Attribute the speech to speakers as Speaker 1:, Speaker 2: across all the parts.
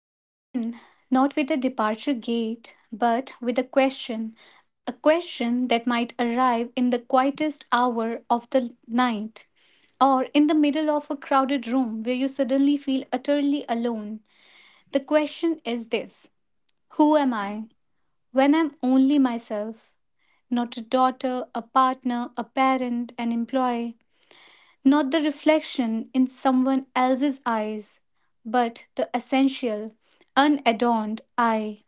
Speaker 1: Let's begin not with a departure gate, but with a question that might arrive in the quietest hour of the night, or in the middle of a crowded room where you suddenly feel utterly alone. The question is this: Who am I when I'm only myself? Not a daughter, a partner, a parent, an employee, not the reflection in someone else's eyes, but the essential, unadorned I.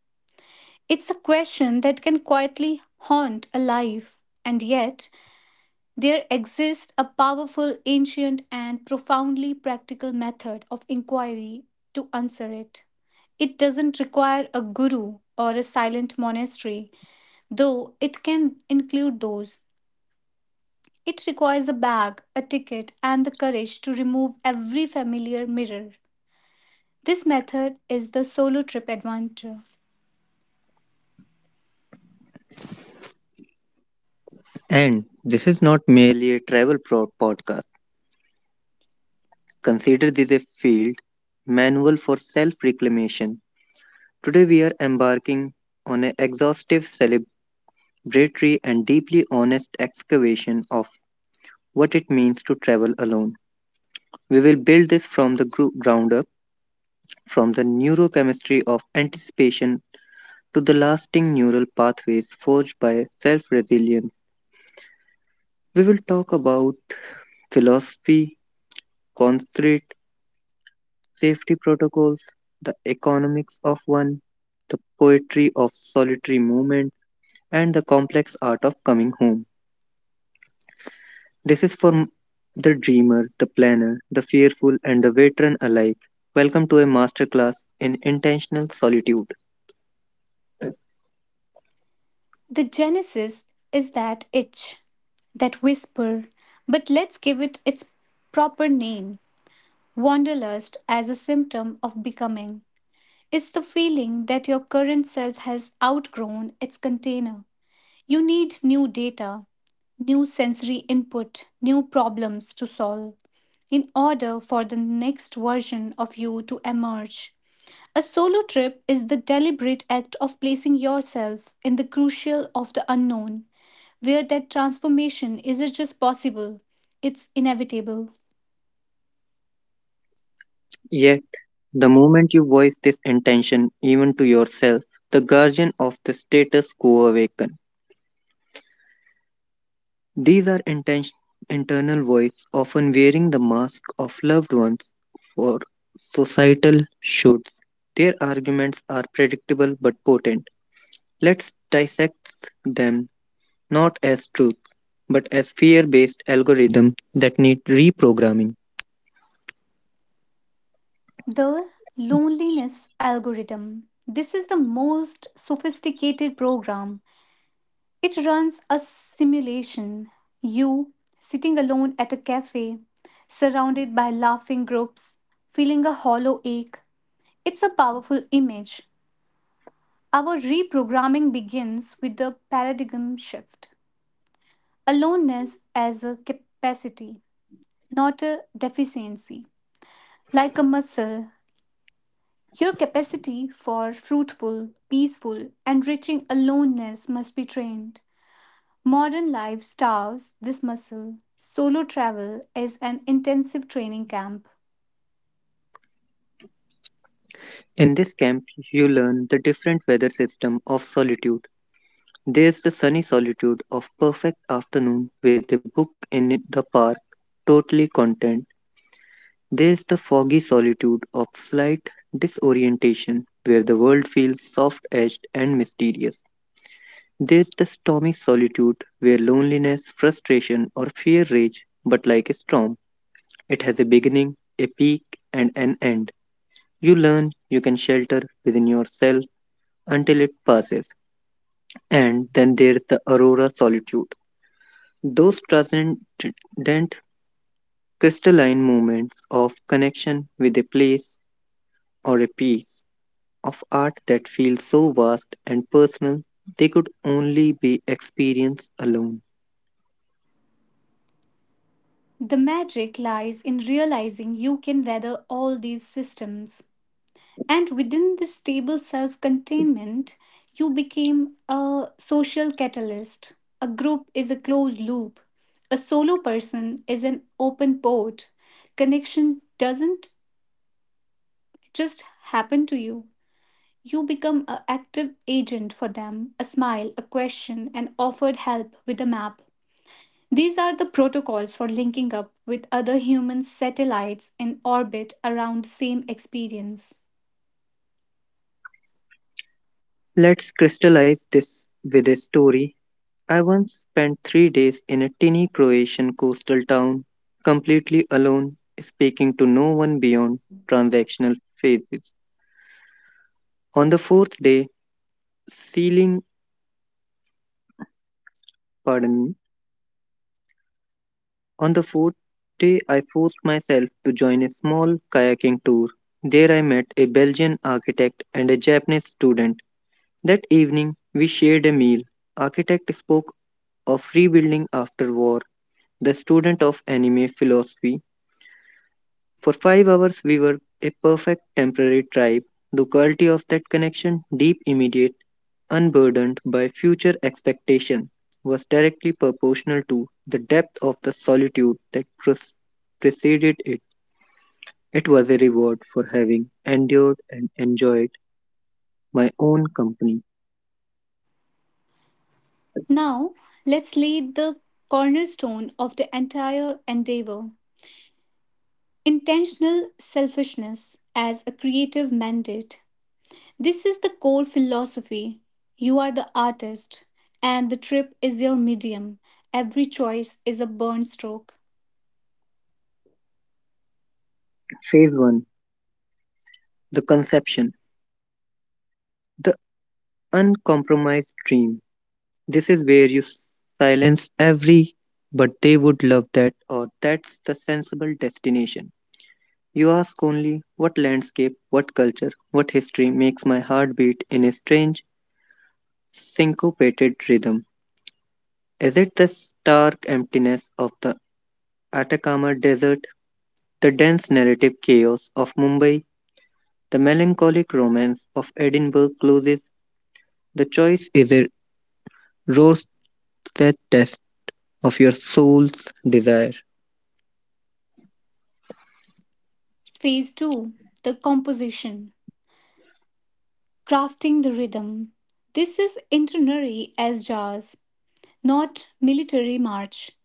Speaker 1: It's a question that can quietly haunt a life, and yet there exists a powerful, ancient, and profoundly practical method of inquiry to answer it. It doesn't require a guru or a silent monastery, though it can include those. It requires a bag, a ticket, and the courage to remove every familiar mirror. This method is the solo trip adventure.
Speaker 2: And this is not merely a travel podcast. Consider this a field manual for self reclamation. Today, we are embarking on an exhaustive, celebratory, and deeply honest excavation of what it means to travel alone. We will build this from the ground up, from the neurochemistry of anticipation to the lasting neural pathways forged by self resilience. We will talk about philosophy, concrete, safety protocols, the economics of one, the poetry of solitary movement, and the complex art of coming home. This is for the dreamer, the planner, the fearful, and the veteran alike. Welcome to a masterclass in intentional solitude.
Speaker 1: The genesis is that itch, that whisper, but let's give it its proper name: wanderlust as a symptom of becoming. It's the feeling that your current self has outgrown its container. You need new data, new sensory input, new problems to solve in order for the next version of you to emerge. A solo trip is the deliberate act of placing yourself in the crucial of the unknown, where that transformation isn't just possible, it's inevitable.
Speaker 2: Yet, the moment you voice this intention, even to yourself, the guardian of the status quo awakens. These are intention, internal voice, often wearing the mask of loved ones for societal shoulds. Their arguments are predictable but potent. Let's dissect them not as truth, but as fear based algorithms that need reprogramming.
Speaker 1: The loneliness algorithm. This is the most sophisticated program. It runs a simulation. You, sitting alone at a cafe, surrounded by laughing groups, feeling a hollow ache. It's a powerful image. Our reprogramming begins with the paradigm shift. Aloneness as a capacity, not a deficiency. Like a muscle, your capacity for fruitful, peaceful, enriching aloneness must be trained. Modern life starves this muscle. Solo travel is an intensive training camp.
Speaker 2: In this camp, you learn the different weather system of solitude. There's the sunny solitude of perfect afternoon with a book in the park, totally content. There's the foggy solitude of slight disorientation where the world feels soft edged and mysterious. There's the stormy solitude where loneliness, frustration, or fear rage, but like a storm, it has a beginning, a peak, and an end. You learn you can shelter within yourself until it passes. And then there's the aurora solitude. Those transcendent crystalline moments of connection with a place or a piece of art that feel so vast and personal they could only be experienced alone.
Speaker 1: The magic lies in realizing you can weather all these systems. And within this stable self containment, you became a social catalyst. A group is a closed loop, a solo person is an open port. Connection doesn't just happen to you. You become an active agent for them, a smile, a question, and offered help with a map. These are the protocols for linking up with other human satellites in orbit around the same experience.
Speaker 2: Let's crystallize this with a story. I once spent 3 days in a tiny Croatian coastal town, completely alone, speaking to no one beyond transactional phases. On the fourth day, sealing, pardon me, on the fourth day, I forced myself to join a small kayaking tour. There, I met a Belgian architect and a Japanese student. That evening, we shared a meal. Architect spoke of rebuilding after war, the student of anime philosophy. For 5 hours, we were a perfect temporary tribe. The quality of that connection, deep, immediate, unburdened by future expectation, was directly proportional to the depth of the solitude that preceded it. It was a reward for having endured and enjoyed my own company.
Speaker 1: Now, let's lay the cornerstone of the entire endeavor: intentional selfishness as a creative mandate. This is the core philosophy. You are the artist, and the trip is your medium. Every choice is a burn stroke.
Speaker 2: Phase 1, the conception, the uncompromised dream. This is where you silence every but they would love that or that's the sensible destination. You ask only what landscape, what culture, what history makes my heart beat in a strange syncopated rhythm. Is it the stark emptiness of the Atacama Desert, the dense narrative chaos of Mumbai, the melancholic romance of Edinburgh closes? The choice is a rose that test of your soul's desire.
Speaker 1: Phase 2: The composition, crafting the rhythm. This is internary as jazz, not military march.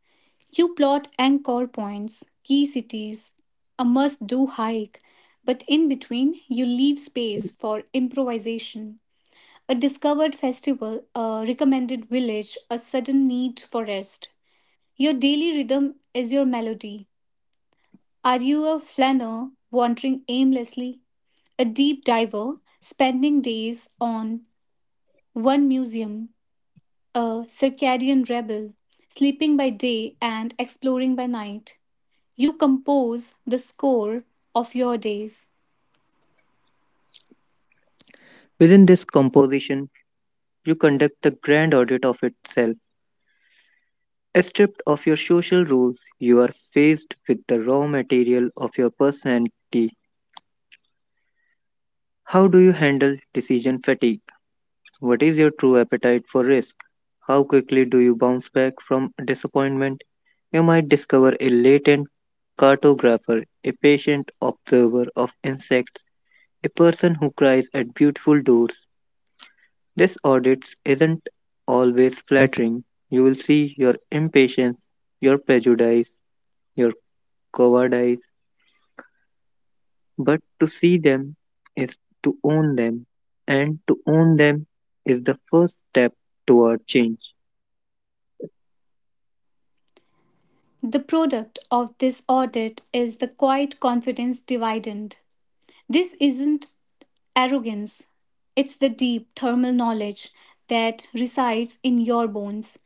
Speaker 1: You plot anchor points, key cities, a must do hike, but in between you leave space for improvisation. A discovered festival, a recommended village, a sudden need for rest. Your daily rhythm is your melody. Are you a flaneur wandering aimlessly, a deep diver, spending days on one museum, a circadian rebel, sleeping by day and exploring by night. You compose the score of your days.
Speaker 2: Within this composition, you conduct the grand audit of itself. Stripped of your social roles, you are faced with the raw material of your personality. How do you handle decision fatigue? What is your true appetite for risk? How quickly do you bounce back from disappointment? You might discover a latent cartographer, a patient observer of insects, a person who cries at beautiful doors. This audit isn't always flattering. You'll see your impatience, your prejudice, your cowardice, but to see them is to own them, and to own them is the first step toward change.
Speaker 1: The product of this audit is the quiet confidence dividend. This isn't arrogance, it's the deep thermal knowledge that resides in your bones.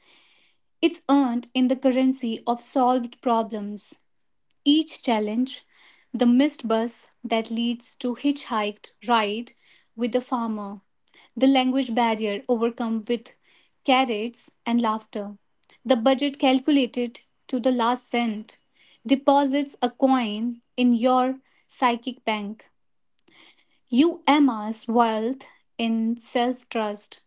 Speaker 1: It's earned in the currency of solved problems. Each challenge, the missed bus that leads to hitchhiked ride with the farmer, the language barrier overcome with carrots and laughter, the budget calculated to the last cent, deposits a coin in your psychic bank. You amass wealth in self trust.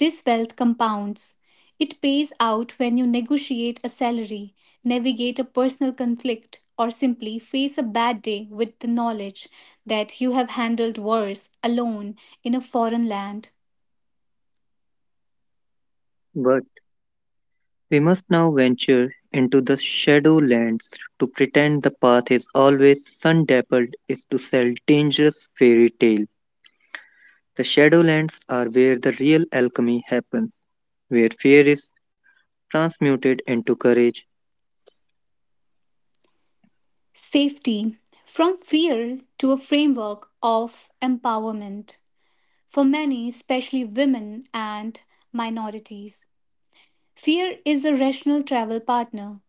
Speaker 1: This wealth compounds. It pays out when you negotiate a salary, navigate a personal conflict, or simply face a bad day with the knowledge that you have handled worse alone in a foreign land.
Speaker 2: But we must now venture into the shadow lands. To pretend the path is always sun dappled is to sell dangerous fairy tale. The shadowlands are where the real alchemy happens, where fear is transmuted into courage.
Speaker 1: Safety from fear to a framework of empowerment for many, especially women and minorities. Fear is a rational travel partner.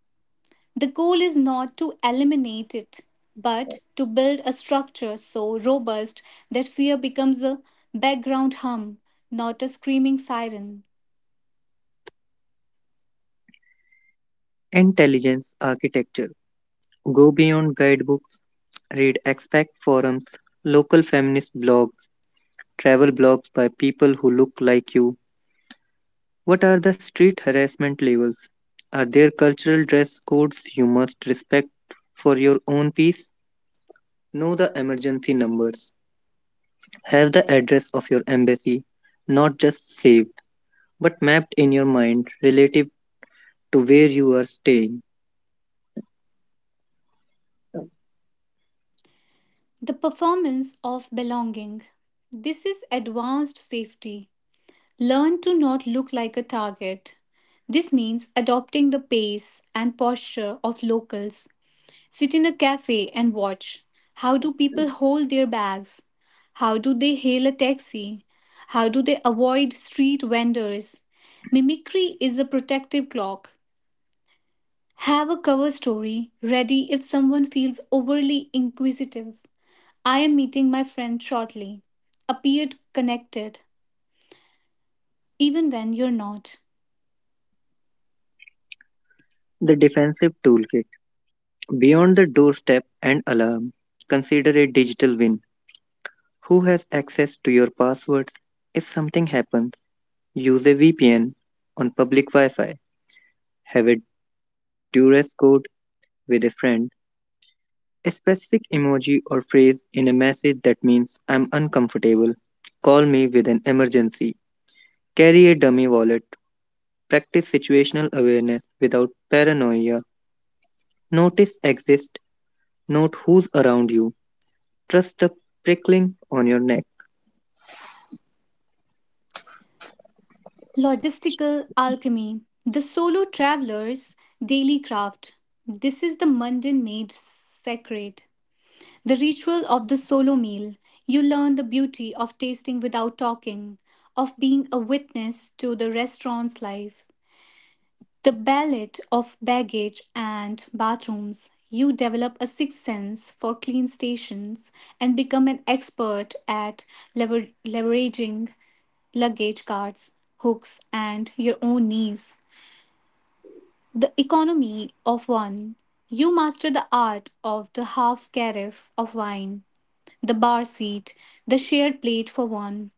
Speaker 1: The goal is not to eliminate it, but to build a structure so robust that fear becomes a background hum, not a screaming siren.
Speaker 2: Intelligence architecture. Go beyond guidebooks, read expect forums, local feminist blogs, travel blogs by people who look like you. What are the street harassment levels? Are there cultural dress codes you must respect for your own peace? Know the emergency numbers. Have the address of your embassy, not just saved, but mapped in your mind relative to where you are staying.
Speaker 1: The performance of belonging. This is advanced safety. Learn to not look like a target. This means adopting the pace and posture of locals. Sit in a cafe and watch. How do people hold their bags? How do they hail a taxi? How do they avoid street vendors? Mimicry is a protective cloak. Have a cover story ready if someone feels overly inquisitive. I am meeting my friend shortly. Appeared connected, even when you're not.
Speaker 2: The defensive toolkit. Beyond the doorstep and alarm, consider a digital win. Who has access to your passwords? If something happens, use a VPN on public Wi Fi. Have a duress code with a friend. A specific emoji or phrase in a message that means I'm uncomfortable. Call me with an emergency. Carry a dummy wallet. Practice situational awareness without paranoia. Notice exist. Note who's around you. Trust the prickling on your neck.
Speaker 1: Logistical alchemy. The solo traveler's daily craft. This is the mundane made sacred. The ritual of the solo meal. You learn the beauty of tasting without talking, of being a witness to the restaurant's life. The ballet of baggage and bathrooms. You develop a sixth sense for clean stations and become an expert at leveraging luggage carts, hooks, and your own knees. The economy of one. You master the art of the half carafe of wine, the bar seat, the shared plate for one.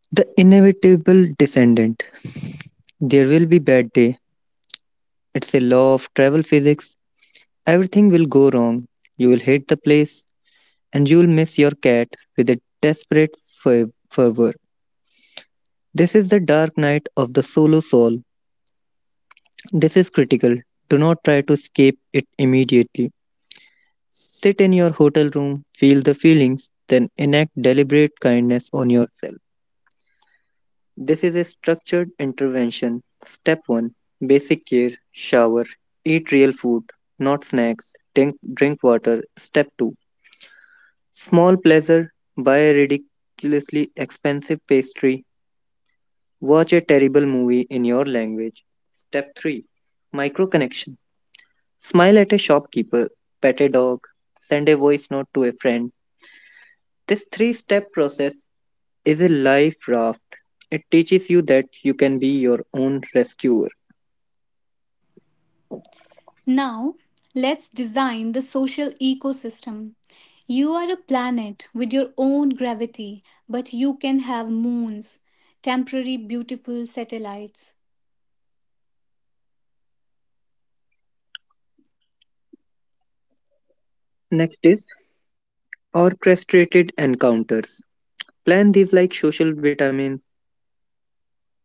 Speaker 2: The inevitable descendant. There will be bad day. It's a law of travel physics. Everything will go wrong. You will hate the place and you will miss your cat with a desperate fervor. This is the dark night of the solo soul. This is critical. Do not try to escape it immediately. Sit in your hotel room, feel the feelings, then enact deliberate kindness on yourself. This is a structured intervention. Step 1, basic care, shower, eat real food, not snacks, drink water. Step 2, small pleasure, buy a ridiculously expensive pastry, watch a terrible movie in your language. Step 3, micro connection, smile at a shopkeeper, pet a dog, send a voice note to a friend. This three step process is a life raft. It teaches you that you can be your own rescuer.
Speaker 1: Now, let's design the social ecosystem. You are a planet with your own gravity, but you can have moons, temporary beautiful satellites.
Speaker 2: Next is orchestrated encounters. Plan these like social vitamins,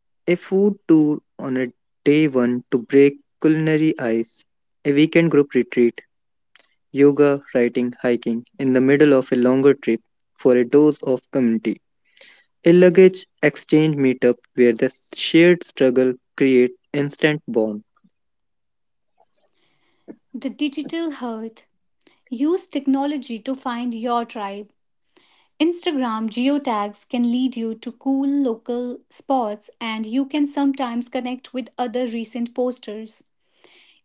Speaker 2: a food tour on a day one to break culinary ice, a weekend group retreat, yoga, writing, hiking in the middle of a longer trip for a dose of community. A luggage exchange meetup where the shared struggle creates instant bond.
Speaker 1: The digital hearth. Use technology to find your tribe. Instagram geotags can lead you to cool local spots, and you can sometimes connect with other recent posters.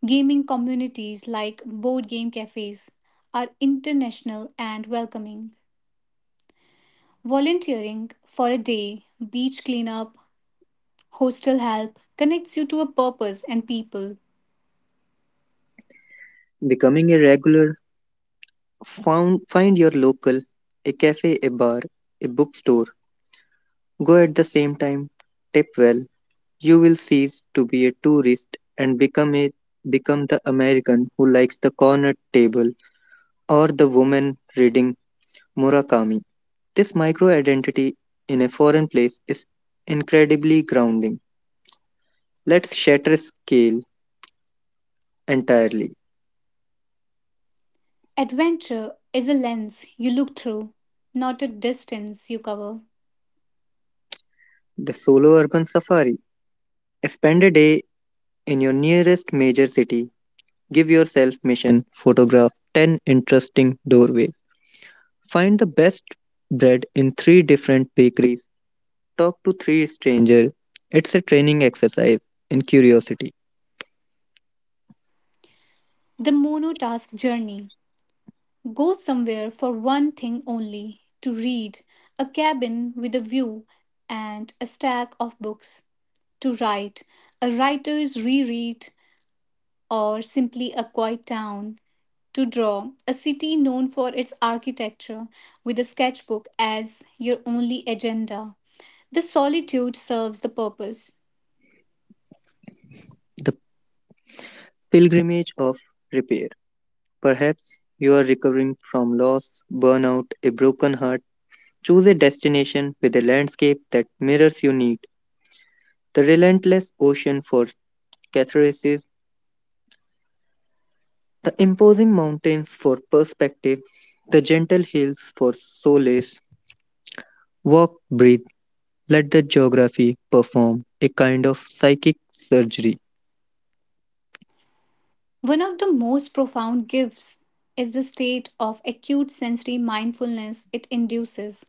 Speaker 1: Gaming communities like board game cafes are international and welcoming. Volunteering for a day, beach cleanup, hostel help connects you to a purpose and people.
Speaker 2: Becoming a regular, find your local, a cafe, a bar, a bookstore. Go at the same time, tip well. You will cease to be a tourist and become the American who likes the corner table or the woman reading Murakami. This micro identity in a foreign place is incredibly grounding. Let's shatter scale entirely.
Speaker 1: Adventure is a lens you look through, not a distance you cover.
Speaker 2: The solo urban safari. Spend a day in your nearest major city. Give yourself mission. Photograph 10 interesting doorways. Find the best bread in three different bakeries. Talk to three strangers. It's a training exercise in curiosity,
Speaker 1: The monotask journey. Go somewhere for one thing only, to read, a cabin with a view and a stack of books, to write, a writer's reread, or simply a quiet town, to draw a city known for its architecture with a sketchbook as your only agenda. The solitude serves the purpose.
Speaker 2: the pilgrimage of repair. Perhaps you are recovering from loss, burnout, a broken heart. Choose a destination with a landscape that mirrors your need. The relentless ocean for catharsis, the imposing mountains for perspective, the gentle hills for solace. Walk, breathe, let the geography perform a kind of psychic surgery.
Speaker 1: One of the most profound gifts is the state of acute sensory mindfulness it induces.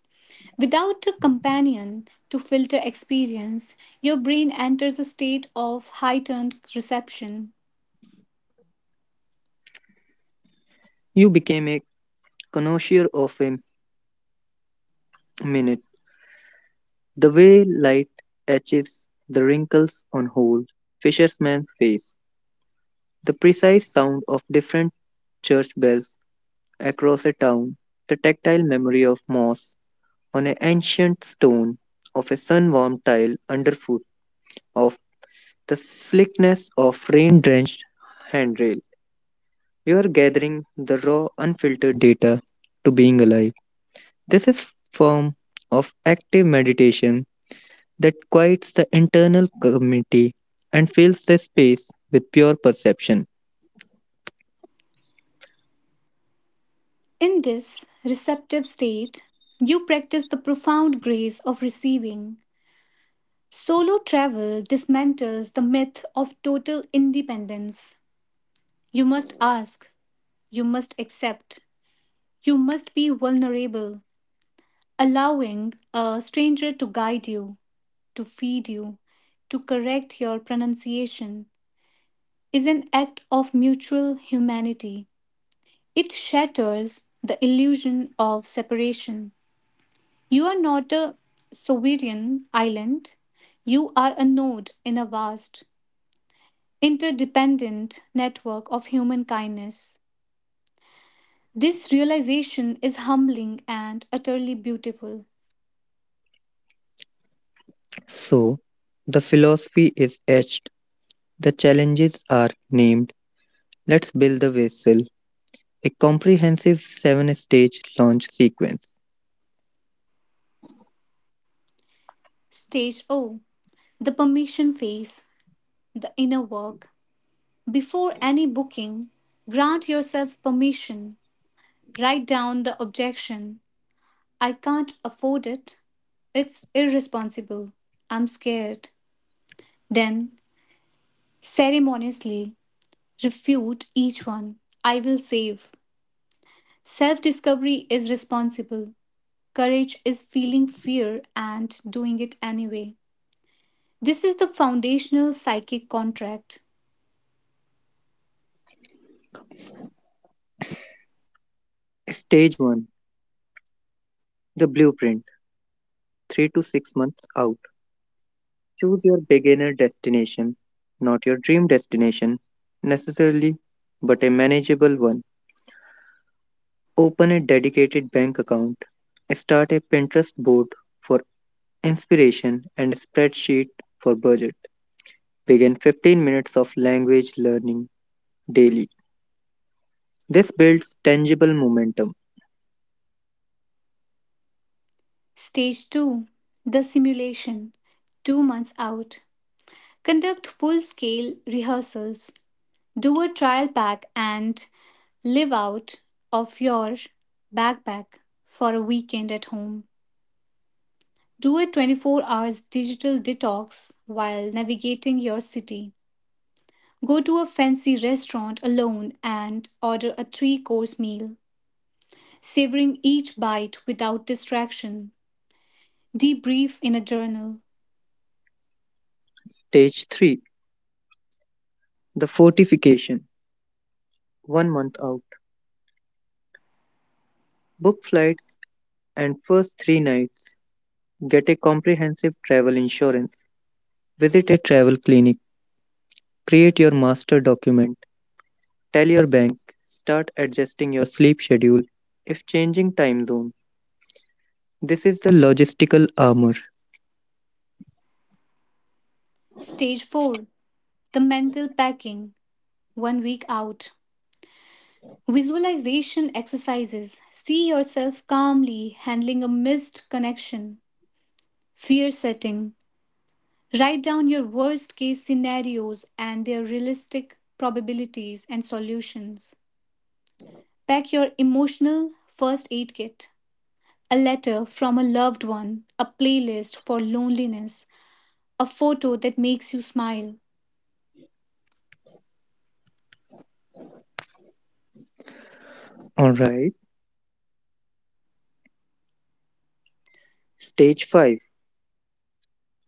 Speaker 1: Without a companion to filter experience, your brain enters a state of heightened reception.
Speaker 2: You became a connoisseur of a minute, the way light etches the wrinkles on old fisherman's face, the precise sound of different church bells across a town, the tactile memory of moss on an ancient stone, of a sun warmed tile underfoot, of the slickness of rain drenched handrail. You are gathering the raw, unfiltered data to being alive. This is form of active meditation that quiets the internal community and fills the space with pure perception.
Speaker 1: In this receptive state, you practice the profound grace of receiving. Solo travel dismantles the myth of total independence. You must ask, you must accept, you must be vulnerable. Allowing a stranger to guide you, to feed you, to correct your pronunciation is an act of mutual humanity. It shatters the illusion of separation. You are not a sovereign island. You are a node in a vast, interdependent network of human kindness. This realization is humbling and utterly beautiful.
Speaker 2: So, the philosophy is etched, the challenges are named. Let's build the vessel, a comprehensive seven stage launch sequence.
Speaker 1: Stage O: The permission phase, the inner work. Before any booking, grant yourself permission. Write down the objection: I can't afford it. It's irresponsible. I'm scared. Then, ceremoniously, refute each one. I will save. Self discovery is responsible. Courage is feeling fear and doing it anyway. This is the foundational psychic contract.
Speaker 2: Stage 1, the blueprint, 3 to 6 months out. Choose your beginner destination, not your dream destination necessarily, but a manageable one. Open a dedicated bank account, start a Pinterest board for inspiration and a spreadsheet for budget. Begin 15 minutes of language learning daily. This builds tangible momentum.
Speaker 1: Stage 2: The simulation. 2 months out. Conduct full scale rehearsals. Do a trial pack and live out of your backpack for a weekend at home. Do a 24 hours digital detox while navigating your city. Go to a fancy restaurant alone and order a three course meal, savoring each bite without distraction. Debrief in a journal.
Speaker 2: Stage 3, the fortification. 1 month out. Book flights and first 3 nights. Get a comprehensive travel insurance. Visit a travel clinic. Create your master document. Tell your bank, start adjusting your sleep schedule if changing time zone. This is the logistical armor.
Speaker 1: Stage 4: The mental packing. One week out. Visualization exercises. See yourself calmly handling a missed connection. Fear setting. Write down your worst case scenarios and their realistic probabilities and solutions. Pack your emotional first aid kit, a letter from a loved one, a playlist for loneliness, a photo that makes you smile.
Speaker 2: Alright. Stage 5,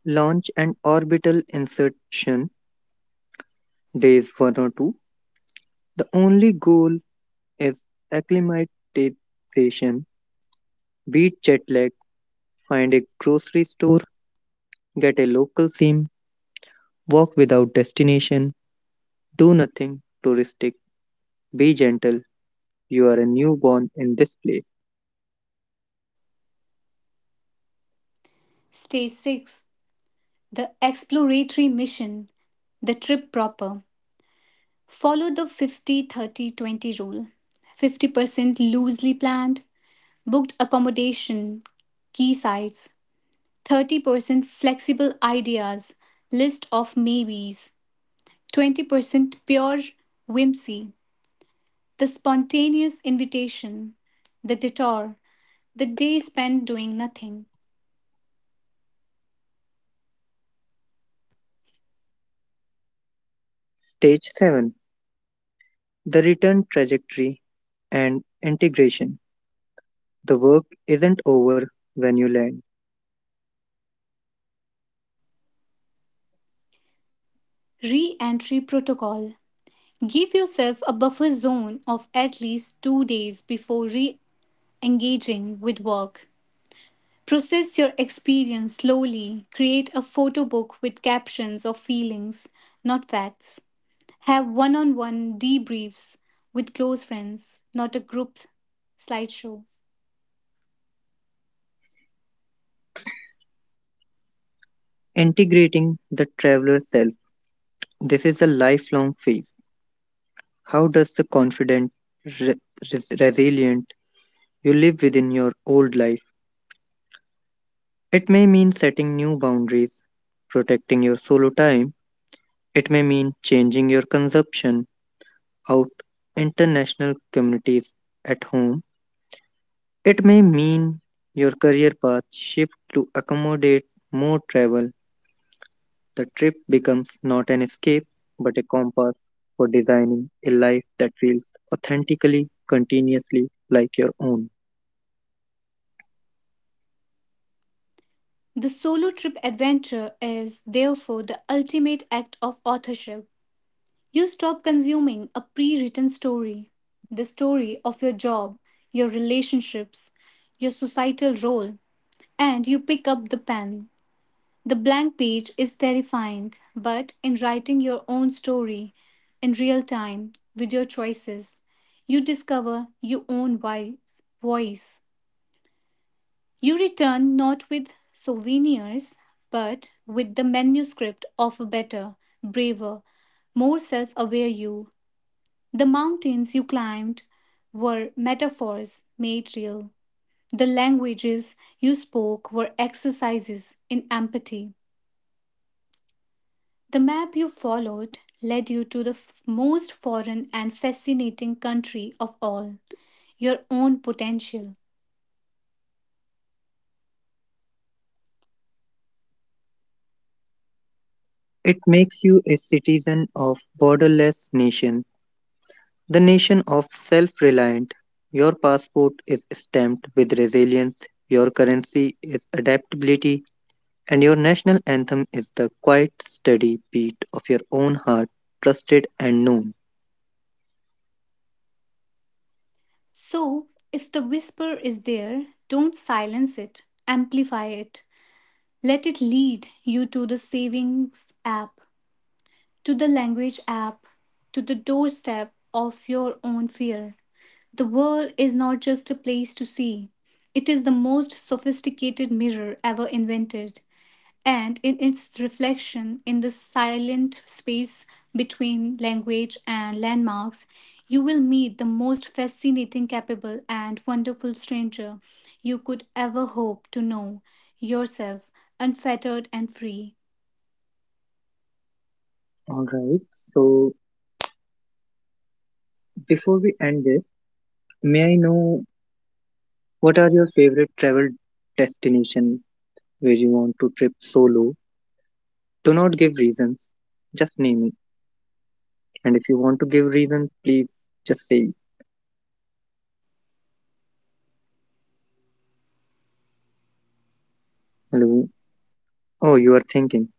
Speaker 2: launch and orbital insertion, days 1 or 2. The only goal is acclimatization. Beat jet lag, find a grocery store, get a local SIM, walk without destination, do nothing touristic, be gentle. You are a newborn in this place.
Speaker 1: Stage 6: The exploratory mission, the trip proper. Follow the 50/30/20 rule: 50% loosely planned, booked accommodation, key sites, 30% flexible ideas, list of maybes, 20% pure whimsy, the spontaneous invitation, the detour, the day spent doing nothing.
Speaker 2: Stage 7, the return trajectory and integration. The work isn't over when you land.
Speaker 1: Re entry protocol. Give yourself a buffer zone of at least 2 days before re engaging with work. Process your experience slowly. Create a photo book with captions of feelings, not facts. Have one on one debriefs with close friends, not a group slideshow.
Speaker 2: Integrating the traveler self. This is a lifelong phase. How does the confident, re- resilient you live within your old life? It may mean setting new boundaries, protecting your solo time. It may mean changing your consumption out international communities at home. It may mean your career path shifts to accommodate more travel. The trip becomes not an escape, but a compass for designing a life that feels authentically, continuously like your own.
Speaker 1: The solo trip adventure is therefore the ultimate act of authorship. You stop consuming a pre written story, the story of your job, your relationships, your societal role, and you pick up the pen. The blank page is terrifying, but in writing your own story in real time with your choices, you discover your own voice. You return not with souvenirs, but with the manuscript of a better, braver, more self aware you. The mountains you climbed were metaphors made real. The languages you spoke were exercises in empathy. The map you followed led you to the most foreign and fascinating country of all, your own potential.
Speaker 2: It makes you a citizen of borderless nation, the nation of self-reliant. Your passport is stamped with resilience, your currency is adaptability, and your national anthem is the quiet, steady beat of your own heart, trusted and known.
Speaker 1: So, if the whisper is there, don't silence it, amplify it. Let it lead you to the savings app, to the language app, to the doorstep of your own fear. The world is not just a place to see, it is the most sophisticated mirror ever invented, and in its reflection in the silent space between language and landmarks, you will meet the most fascinating, capable, and wonderful stranger you could ever hope to know yourself, unfettered and free.
Speaker 2: All right. So before we end this, may I know what are your favorite travel destination where you want to trip solo? Do not give reasons, just name it. And if you want to give reason, please just say hello. Oh, you are thinking.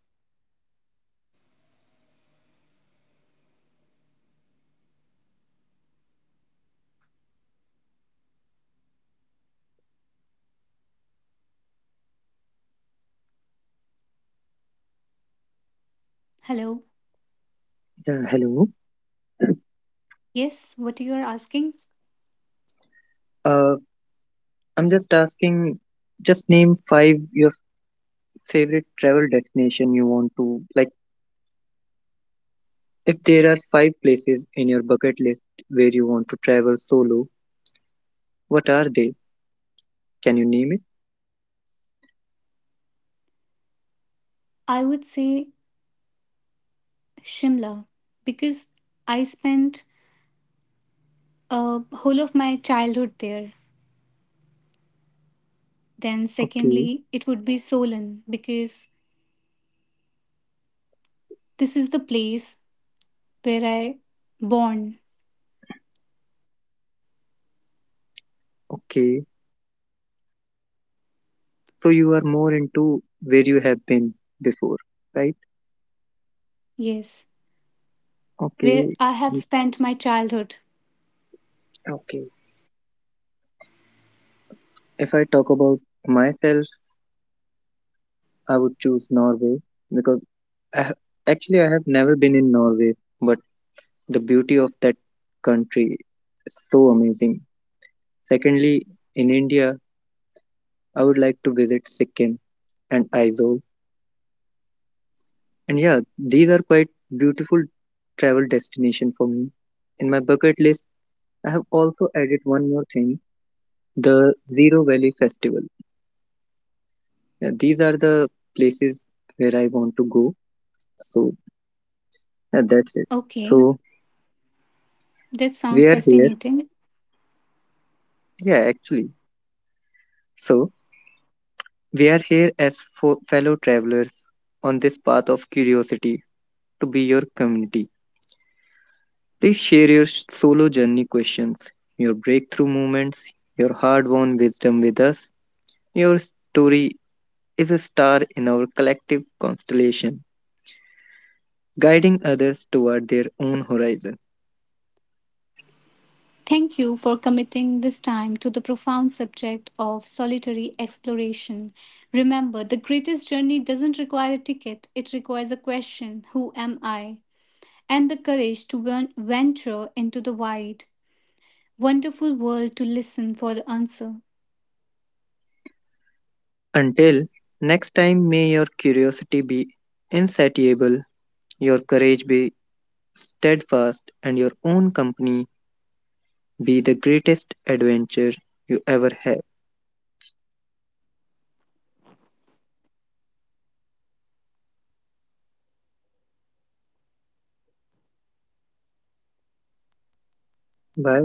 Speaker 1: Hello?
Speaker 2: Yeah, hello.
Speaker 1: Yes, what you are asking?
Speaker 2: Uh, I'm just asking, just name five your favorite travel destination you want to like. If there are five places in your bucket list where you want to travel solo, what are they? Can you name it?
Speaker 1: I would say Shimla because I spent a whole of my childhood there. Then,
Speaker 2: Okay,
Speaker 1: secondly, it would be Solan because this is the place where I born,
Speaker 2: okay. So you are more into where you have been before, right?
Speaker 1: yes, where
Speaker 2: Okay,
Speaker 1: I have
Speaker 2: mm,
Speaker 1: spent my childhood.
Speaker 2: okay. If I talk about myself, I would choose Norway because I ha- actually I have never been in Norway, but the beauty of that country is so amazing. Secondly, in India, I would like to visit Sikkim and Aizawl. And yeah, these are quite beautiful travel destination for me. In my bucket list, I have also added one more thing, the Zero Valley Festival. Yeah, these are the places where I want to go. So yeah, that's it.
Speaker 1: Okay,
Speaker 2: So
Speaker 1: this sounds
Speaker 2: we are here.
Speaker 1: fascinating.
Speaker 2: Yeah, actually. So we are here as fellow travelers on this path of curiosity to be your community. Please share your solo journey questions, your breakthrough moments, your hard won wisdom with us. Your story is a star in our collective constellation, guiding others toward their own horizon.
Speaker 1: Thank you for committing this time to the profound subject of solitary exploration. Remember, the greatest journey doesn't require a ticket, it requires a question: Who am I? And the courage to venture into the wide, wonderful world to listen for the answer.
Speaker 2: Until next time, may your curiosity be insatiable, your courage be steadfast, and your own company be the greatest adventure you ever have. Bye.